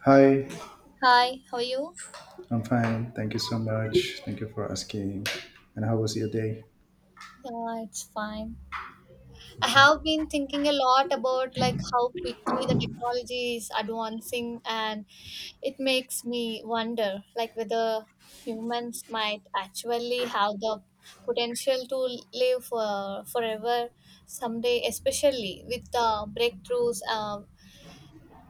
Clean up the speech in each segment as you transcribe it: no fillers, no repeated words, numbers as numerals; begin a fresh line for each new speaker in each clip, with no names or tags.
Hi,
Hi, how are you?
I'm fine. Thank you so much. Thank you for asking. And how was your day?
Yeah, it's fine. I
Okay.
have been thinking a lot about like how quickly the technology is advancing, and it makes me wonder like whether humans might actually have the potential to live for forever someday, especially with the breakthroughs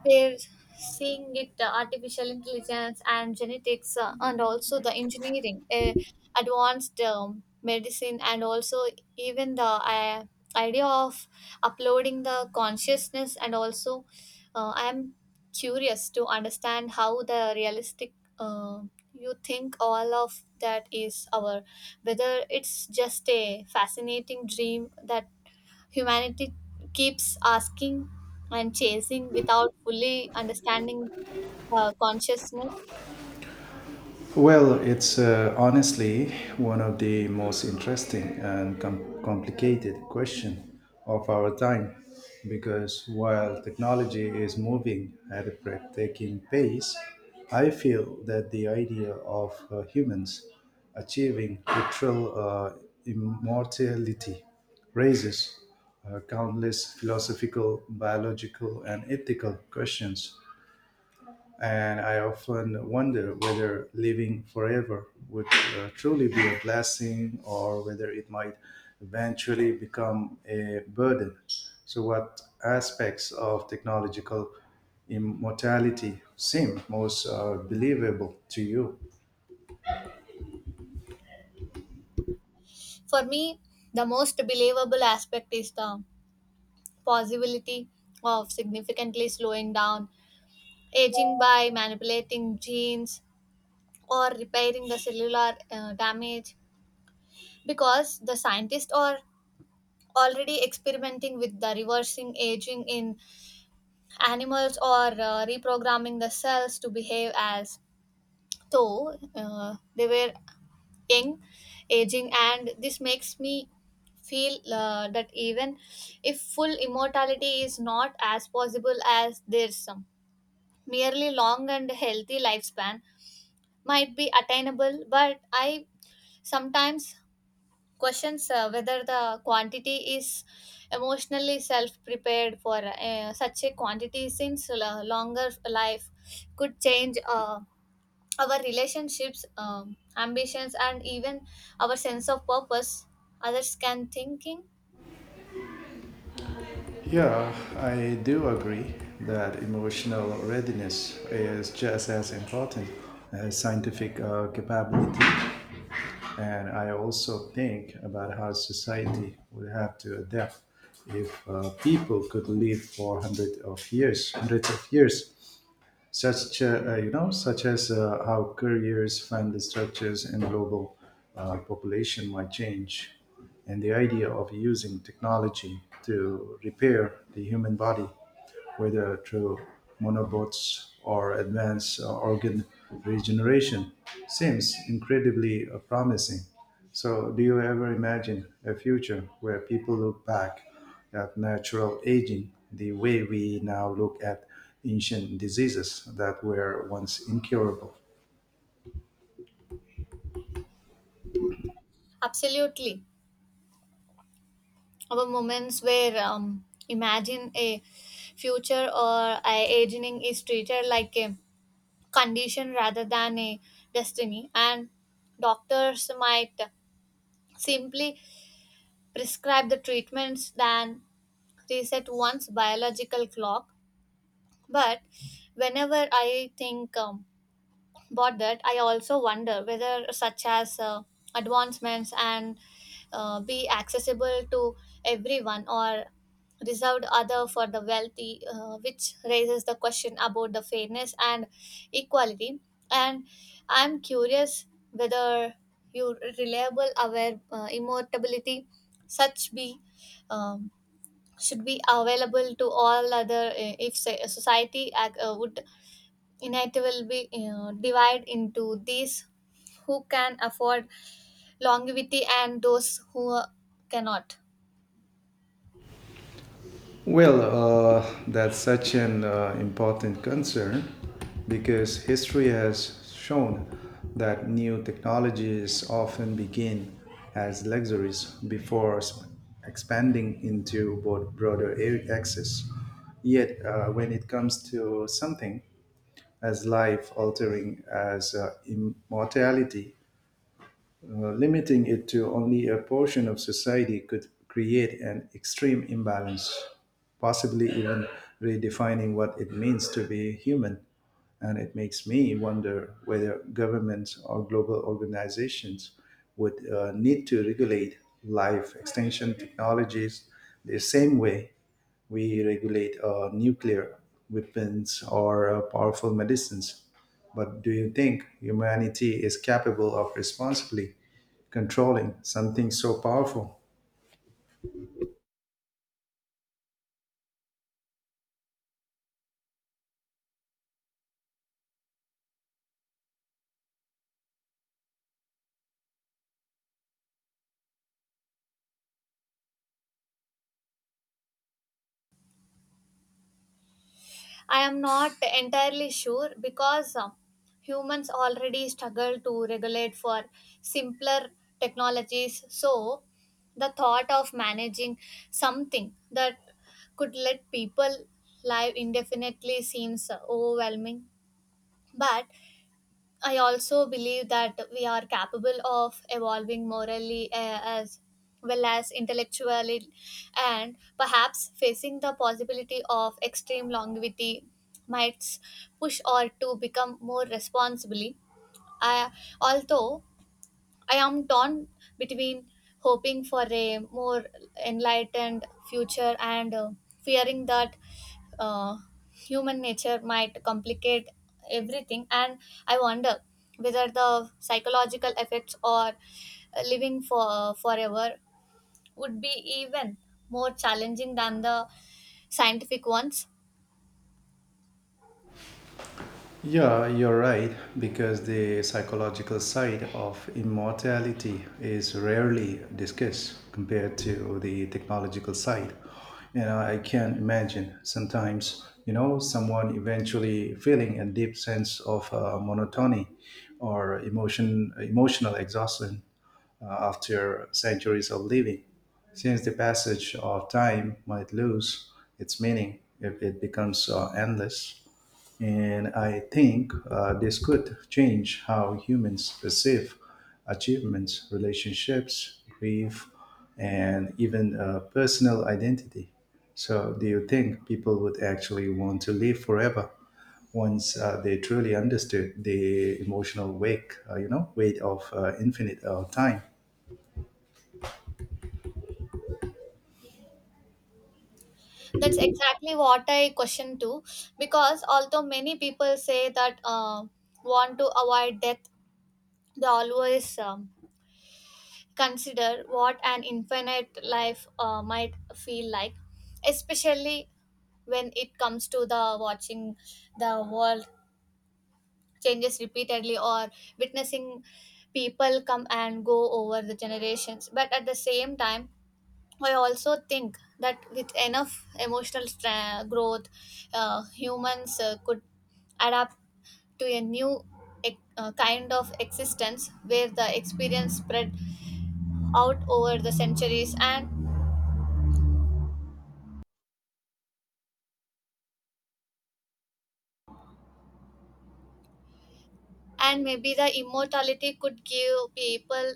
we're seeing it artificial intelligence and genetics, and also the engineering, advanced medicine, and also even the idea of uploading the consciousness. And also, I am curious to understand how the realistic. Uh, you think all of that is our, whether it's just a fascinating dream that humanity keeps asking and chasing without fully understanding the consciousness.
Well, it's honestly one of the most interesting and complicated question of our time because while technology is moving at a breathtaking pace, I feel that the idea of humans achieving literal immortality raises countless philosophical, biological, and ethical questions and I often wonder whether living forever would truly be a blessing or whether it might eventually become a burden. So, what aspects of technological immortality seem most believable to you?
For me, the most believable aspect is the possibility of significantly slowing down aging by manipulating genes or repairing the cellular damage, because the scientists are already experimenting with the reversing aging in animals, or reprogramming the cells to behave as though they were young, aging, and this makes me feel that even if full immortality is not as possible as there's some, merely long and healthy lifespan might be attainable. But I sometimes questions whether the quantity is emotionally self-prepared for such a quantity, since longer life could change. Our relationships, ambitions, and even our sense of purpose, others can thinking
Yeah, I do agree that emotional readiness is just as important as scientific capability. And I also think about how society would have to adapt if people could live for hundreds of years, such you know, such as how careers, family structures, and global population might change, and the idea of using technology to repair the human body whether through monobots or advanced organ regeneration, seems incredibly promising. So, do you ever imagine a future where people look back at natural aging the way we now look at ancient diseases that were once incurable?
absolutely our moments where imagine a future or a aging is treated like a condition rather than a destiny, and doctors might simply prescribe the treatments than reset one's biological clock. But whenever I think, but that I also wonder whether such as advancements and be accessible to everyone or reserved other for the wealthy, which raises the question about the fairness and equality. And I'm curious whether your reliable aware immortality such be, um, should be available to all other, if say, society would, and it will be divided into these who can afford longevity and those who cannot.
Well, that's such an important concern because history has shown that new technologies often begin as luxuries before expanding into broader access. Yet, when it comes to something as life altering as immortality, limiting it to only a portion of society could create an extreme imbalance, possibly even redefining what it means to be human. And it makes me wonder whether governments or global organizations would need to regulate life extension technologies the same way we regulate nuclear weapons or powerful medicines. But do you think humanity is capable of responsibly controlling something so powerful?
I am not entirely sure because humans already struggle to regulate for simpler technologies, so the thought of managing something that could let people live indefinitely seems overwhelming. But I also believe that we are capable of evolving morally, as well as intellectually, and perhaps facing the possibility of extreme longevity might push or to become more responsibly. I, although I am torn between hoping for a more enlightened future and fearing that uh, human nature might complicate everything. And I wonder whether the psychological effects or living for forever would be even more challenging than the scientific ones.
Yeah, you're right, because the psychological side of immortality is rarely discussed compared to the technological side. You know, I can imagine sometimes, you know, someone eventually feeling a deep sense of monotony or emotional exhaustion after centuries of living, since the passage of time might lose its meaning if it becomes endless. And I think this could change how humans perceive achievements, relationships, grief, and even personal identity. So, do you think people would actually want to live forever once they truly understood the emotional wake, you know, weight of infinite time?
That's exactly what I question too, because although many people say that want to avoid death, they always consider what an infinite life might feel like, especially when it comes to the watching the world changes repeatedly or witnessing people come and go over the generations. But at the same time, I also think that with enough emotional growth, humans could adapt to a new kind of existence where the experience spread out over the centuries, and maybe the immortality could give people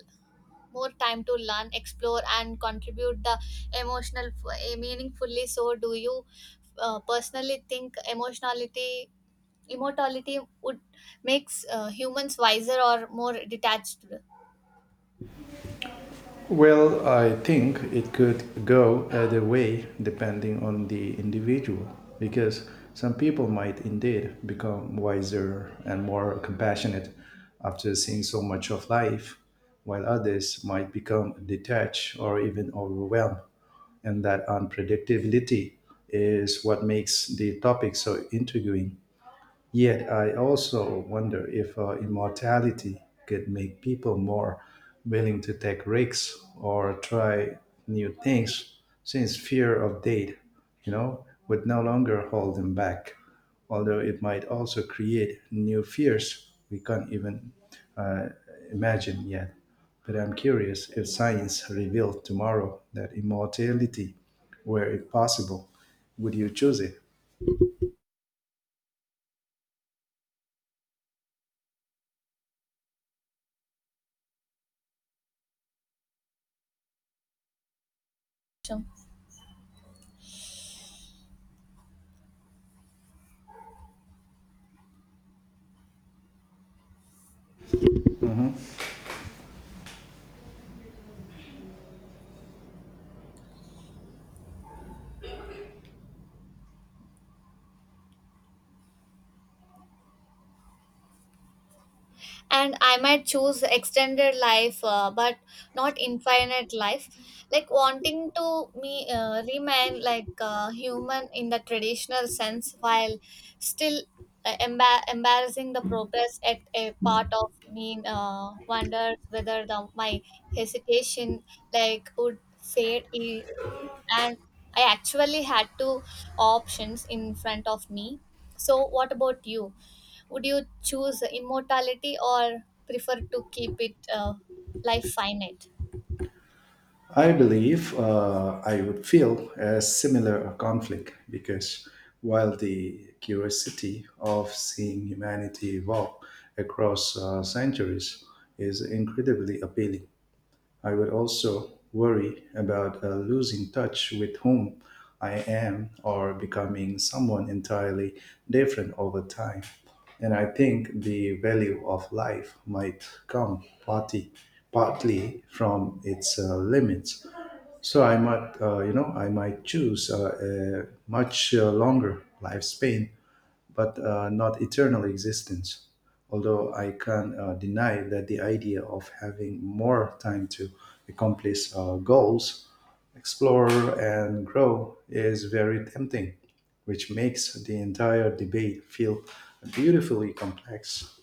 more time to learn, explore, and contribute the emotional meaningfully. So do you personally think emotionality immortality would makes humans wiser or more detached?
Well, I think it could go either way depending on the individual because some people might indeed become wiser and more compassionate after seeing so much of life, while others might become detached or even overwhelmed. And that unpredictability is what makes the topic so intriguing. Yet I also wonder if immortality could make people more willing to take risks or try new things, since fear of death, you know, would no longer hold them back. Although it might also create new fears we can't even uh, imagine yet. But I'm curious if science revealed tomorrow that immortality were impossible, would you choose it?
And I might choose extended life, but not infinite life, like wanting to me remain like human in the traditional sense while still embarrassing the progress. At a part of me wonders whether the my hesitation like would fade. And I actually had two options in front of me, so what about you? Would you choose immortality or prefer to keep it life finite?
I believe I would feel a similar conflict because while the curiosity of seeing humanity evolve across centuries is incredibly appealing, I would also worry about losing touch with whom I am or becoming someone entirely different over time. And I think the value of life might come partly from its limits. So I might, you know, I might choose a much longer lifespan but not eternal existence. Although I can't deny that the idea of having more time to accomplish goals, explore, and grow is very tempting, which makes the entire debate feel beautifully complex.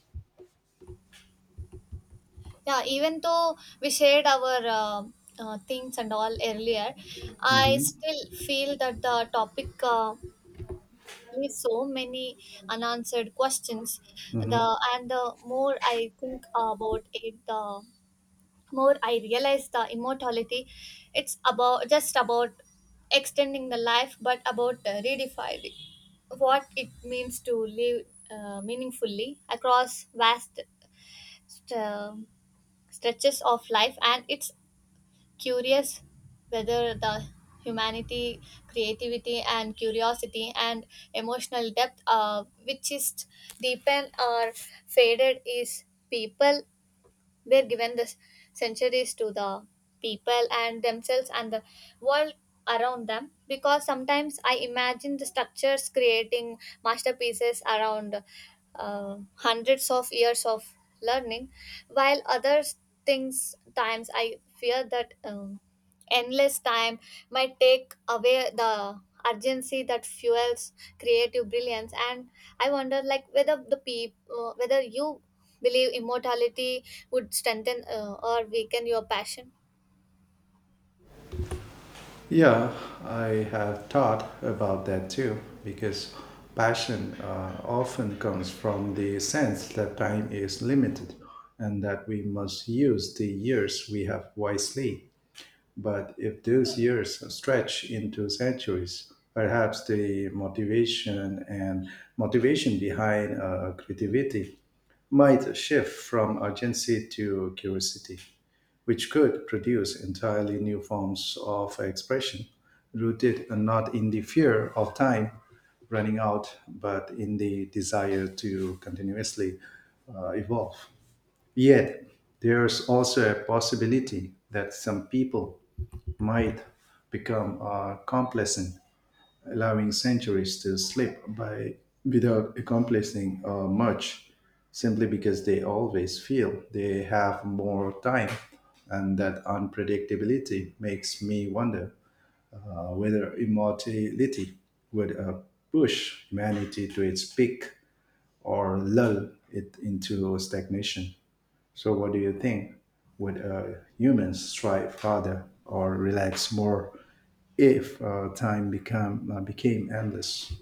Yeah, even though we shared our things and all earlier, I
Mhm.
still feel that the topic leaves so many unanswered questions. The and the more I think about it, the more I realize the immortality, it's about just about extending the life, but about redefining what it means to live meaningfully across vast st- uh, stretches of life. And it's curious whether the humanity, creativity, and curiosity and emotional depth, which is deepened or faded, is people they're given the centuries to the people and themselves and the world around them, because sometimes I imagine the structures creating masterpieces around hundreds of years of learning, while other things times I fear that. Endless time might take away the urgency that fuels creative brilliance. And I wonder like whether the people, whether you believe immortality would strengthen or weaken your passion?
Yeah, I have thought about that too, because passion often comes from the sense that time is limited and that we must use the years we have wisely. But if those years stretch into centuries, perhaps the motivation behind creativity might shift from urgency to curiosity, which could produce entirely new forms of expression rooted not in the fear of time running out, but in the desire to continuously evolve. Yet, there's also a possibility that some people might become complacent, allowing centuries to slip by without accomplishing much, simply because they always feel they have more time. And that unpredictability makes me wonder whether immortality would push humanity to its peak or lull it into stagnation. So what do you think? Would humans strive harder or relax more if time become became endless?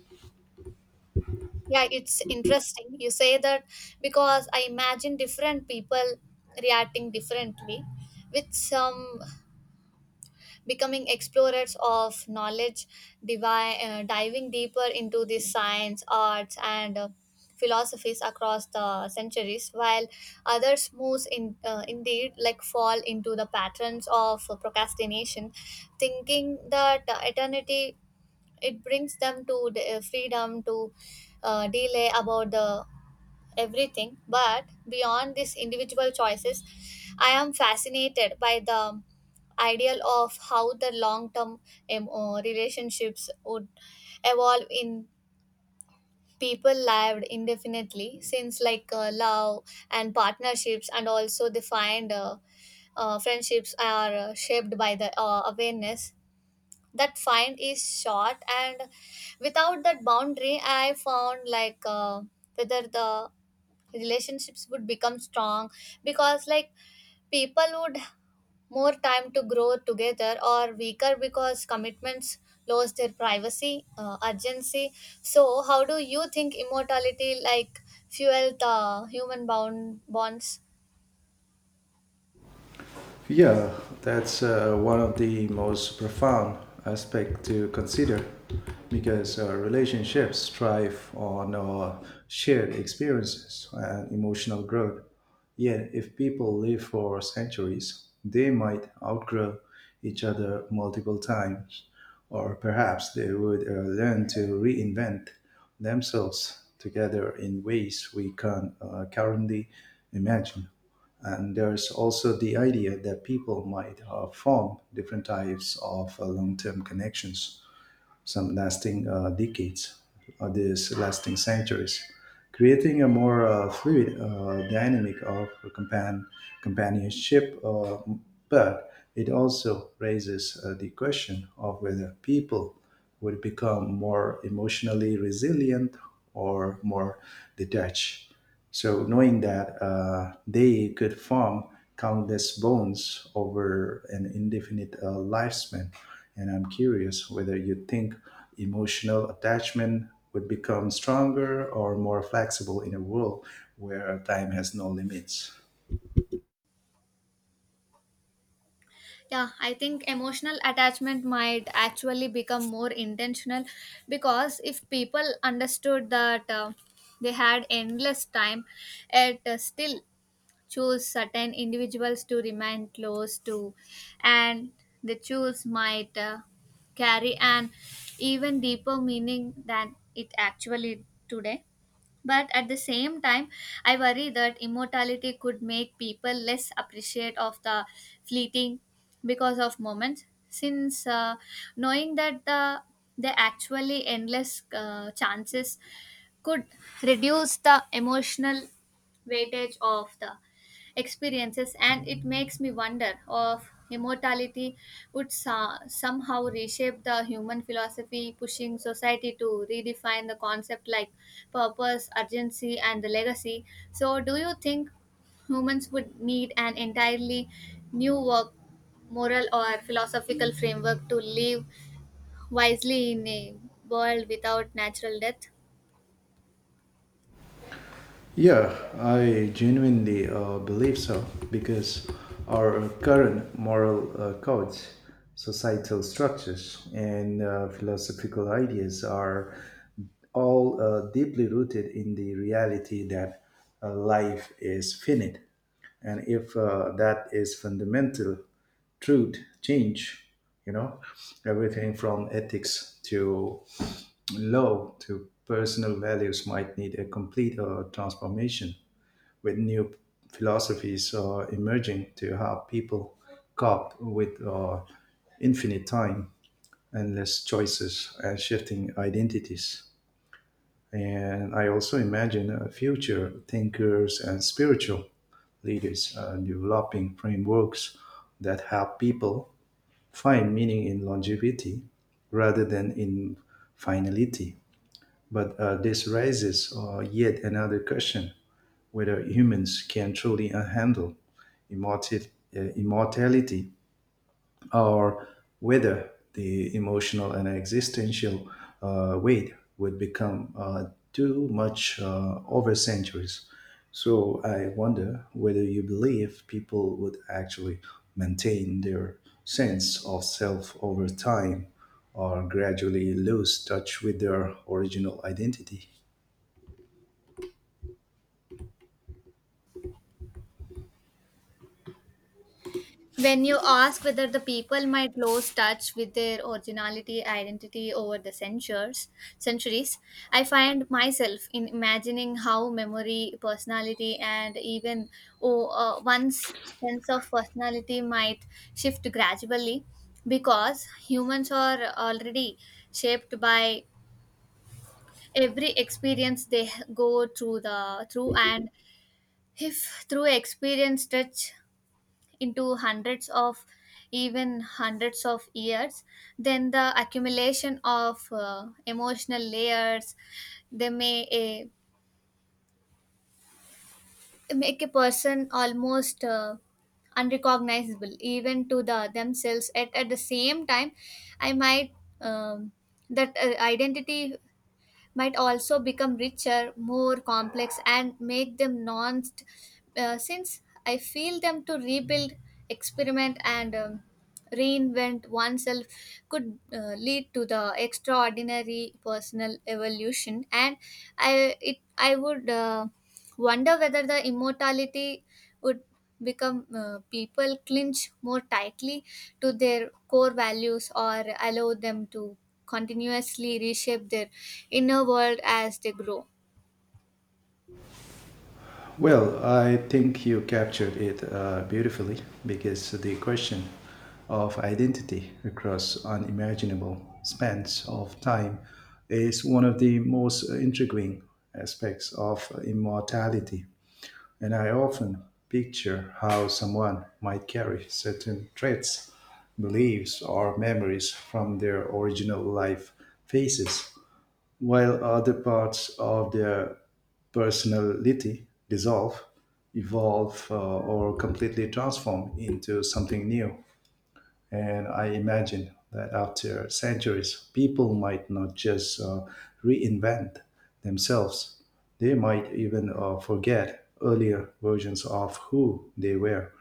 Yeah, it's interesting you say that, because I imagine different people reacting differently, with some becoming explorers of knowledge, diving deeper into the science, arts, and philosophies across the centuries, while others moves in indeed like fall into the patterns of procrastination, thinking that eternity it brings them to the, freedom to delay about the everything. But beyond these individual choices, I am fascinated by the ideal of how the long term relationships would evolve in people lived indefinitely, since like love and partnerships and also defined friendships are shaped by the awareness that find is short, and without that boundary I found like whether the relationships would become strong, because like people would more time to grow together, or weaker because commitments lose their privacy urgency. So how do you think immortality like fuel the human bound bonds?
Yeah, that's one of the most profound aspects to consider because relationships thrive on shared experiences and emotional growth. Yet, if people live for centuries, they might outgrow each other multiple times, or perhaps they would learn to reinvent themselves together in ways we can currently imagine. And there's also the idea that people might form different types of long-term connections, some lasting decades, others lasting centuries, creating a more fluid dynamic of compan- companionship. But it also raises the question of whether people would become more emotionally resilient or more detached so knowing that they could form countless bones over an indefinite lifespan, and I'm curious whether you think emotional attachment would become stronger or more flexible in a world where time has no limits.
Yeah, I think emotional attachment might actually become more intentional, because if people understood that they had endless time, yet still choose certain individuals to remain close to, and the choose might carry an even deeper meaning than it actually today. But at the same time, I worry that immortality could make people less appreciate of the fleeting because of moments, since knowing that the they actually endless chances could reduce the emotional weightage of the experiences. And it makes me wonder of immortality would somehow reshape the human philosophy, pushing society to redefine the concept like purpose, urgency, and the legacy. So do you think humans would need an entirely new work moral or philosophical framework to live wisely in a world without natural death?
Yeah, I genuinely believe so because our current moral codes, societal structures, and philosophical ideas are all deeply rooted in the reality that life is finite. And if that is fundamental truth, change, you know, everything from ethics to Low to personal values might need a complete transformation, with new philosophies emerging to how people cope with infinite time, endless choices, and shifting identities. And I also imagine future thinkers and spiritual leaders developing frameworks that help people find meaning in longevity rather than in finality. But this raises yet another question whether humans can truly handle immorti- immortality or whether the emotional and existential weight would become too much over centuries. So I wonder whether you believe people would actually maintain their sense of self over time or gradually lose touch with their original identity.
When you ask whether the people might lose touch with their originality identity over the centuries, I find myself in imagining how memory, personality, and even oh, one's sense of personality might shift gradually, because humans are already shaped by every experience they go through the through, and if through experience touch into hundreds of, even hundreds of years, then the accumulation of emotional layers they may a make a person almost unrecognizable even to the themselves. At the same time, I might, um, that identity might also become richer, more complex, and make them nuanced, since I feel them to rebuild, experiment, and reinvent oneself could lead to the extraordinary personal evolution. And I would wonder whether the immortality would become people clinch more tightly to their core values, or allow them to continuously reshape their inner world as they grow.
Well, I think you captured it beautifully because the question of identity across unimaginable spans of time is one of the most intriguing aspects of immortality. And I often picture how someone might carry certain traits, beliefs, or memories from their original life phases, while other parts of their personality dissolve, evolve, or completely transform into something new. And I imagine that after centuries, people might not just reinvent themselves, they might even forget earlier versions of who they were,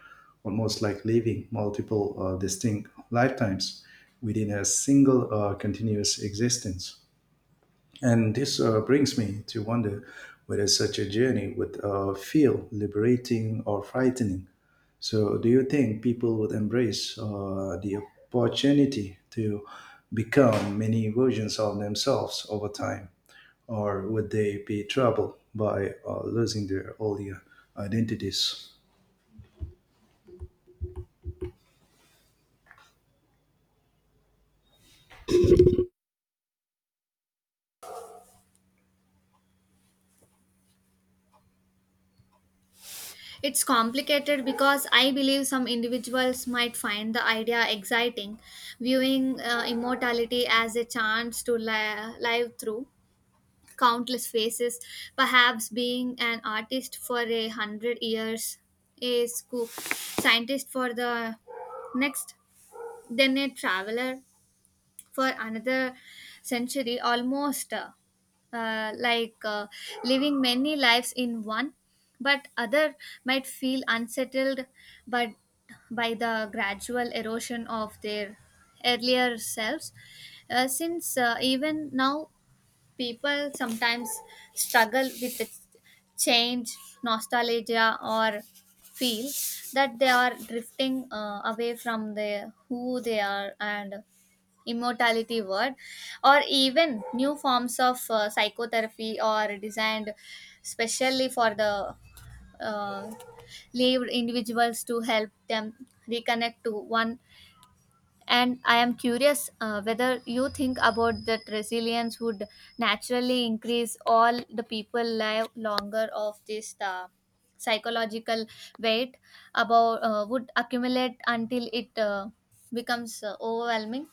almost like living multiple distinct lifetimes within a single continuous existence. And this brings me to wonder whether such a journey would feel liberating or frightening. So, do you think people would embrace the opportunity to become many versions of themselves over time? Or would they be troubled by losing their earlier identities?
It's complicated, because I believe some individuals might find the idea exciting, viewing immortality as a chance to live through countless phases. Perhaps being an artist for a hundred years, a scientist for the next, then a traveler for another century, almost like living many lives in one. But other might feel unsettled but by the gradual erosion of their earlier selves, since even now people sometimes struggle with the change, nostalgia, or feel that they are drifting away from the who they are. And immortality word or even new forms of psychotherapy or designed specially for the uh, lived individuals to help them reconnect to one. And I am curious whether you think about that resilience would naturally increase all the people live longer of this psychological weight about would accumulate until it becomes overwhelming.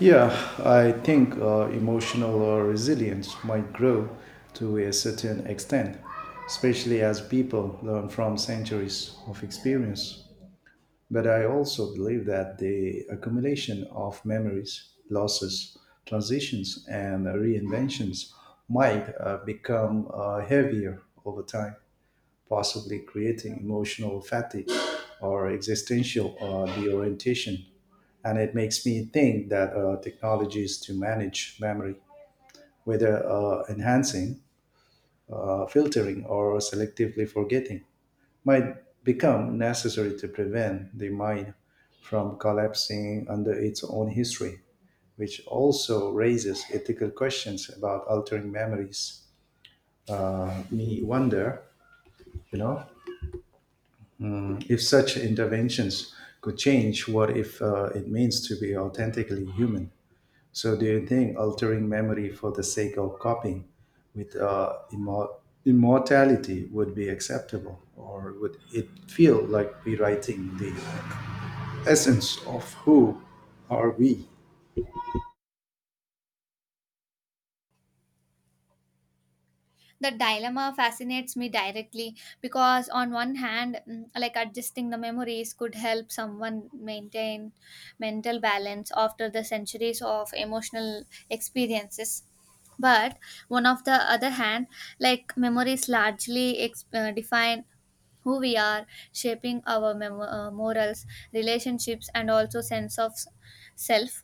Yeah, I think emotional resilience might grow to a certain extent, especially as people learn from centuries of experience. But I also believe that the accumulation of memories, losses, transitions, and reinventions might become heavier over time, possibly creating emotional fatigue or existential deorientation and it makes me think that technologies to manage memory, whether enhancing, filtering, or selectively forgetting, might become necessary to prevent the mind from collapsing under its own history, which also raises ethical questions about altering memories. Me wonder, you know, if such interventions could change what if it means to be authentically human. So, do you think altering memory for the sake of copying with immortality would be acceptable, or would it feel like rewriting the essence of who are we?
The dilemma fascinates me directly, because on one hand, like adjusting the memories could help someone maintain mental balance after the centuries of emotional experiences. But one of the other hand, like memories largely define who we are, shaping our morals, relationships, and also sense of self,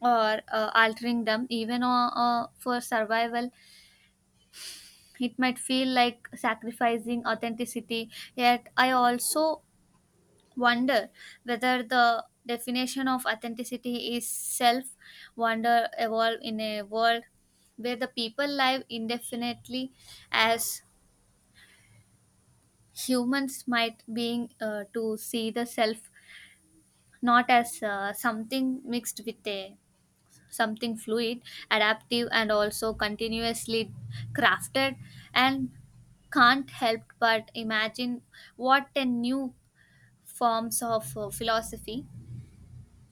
or altering them, even for survival, it might feel like sacrificing authenticity. Yet, I also wonder whether the definition of authenticity is self wonder evolve in a world where the people live indefinitely, as humans might being to see the self not as something mixed with a something fluid, adaptive, and also continuously crafted. And can't help but imagine what a new forms of philosophy,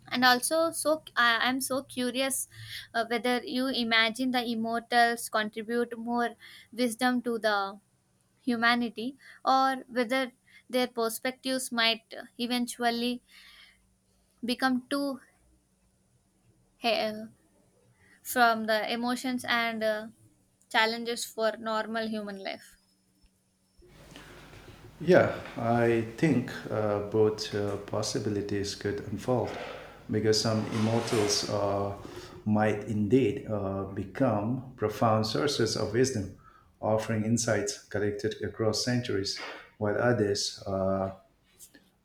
and also am so curious whether you imagine the immortals contribute more wisdom to the humanity, or whether their perspectives might eventually become too he- uh, from the emotions and challenges for normal human life.
Yeah, I think both possibilities could unfold because some immortals might indeed become profound sources of wisdom, offering insights collected across centuries, while others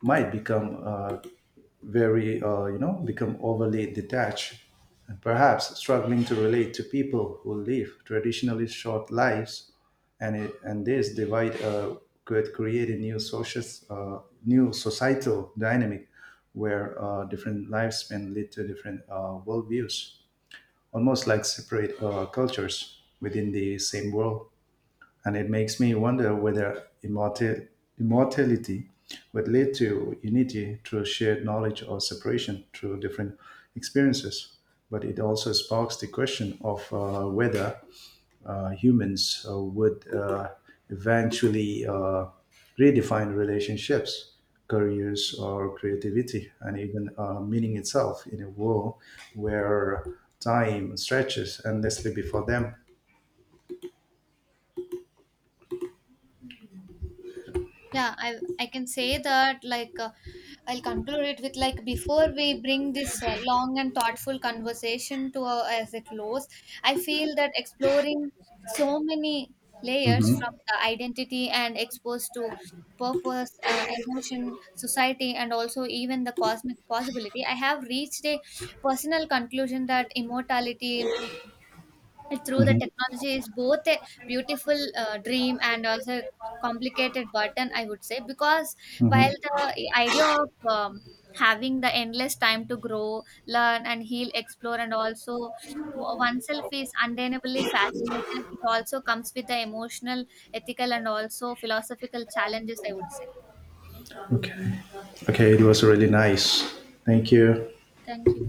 might become you know, become overly detached and perhaps struggling to relate to people who live traditionally short lives. And, and this divide could create a new, social, uh, new societal dynamic where different lifespan lead to different worldviews, almost like separate cultures within the same world. And it makes me wonder whether immortality would lead to unity through shared knowledge or separation through different experiences. But it also sparks the question of whether humans would eventually redefine relationships, careers, or creativity, and even meaning itself in a world where time stretches endlessly before them.
Yeah, I can say that, like I'll conclude it with, like, before we bring this long and thoughtful conversation to a, as a close, I feel that exploring so many layers, from
Mhm,
the identity and exposed to purpose, emotion, society, and also even the cosmic possibility, I have reached a personal conclusion that immortality, well, through the
mhm,
technology, is both a beautiful dream and also a complicated burden, I would say. Because
mhm.
while the idea of having the endless time to grow, learn and heal, explore and also oneself is undeniably fascinating, it also comes with the emotional, ethical, and also philosophical challenges, I would say.
Okay. Okay, it was really nice. Thank you.
Thank you.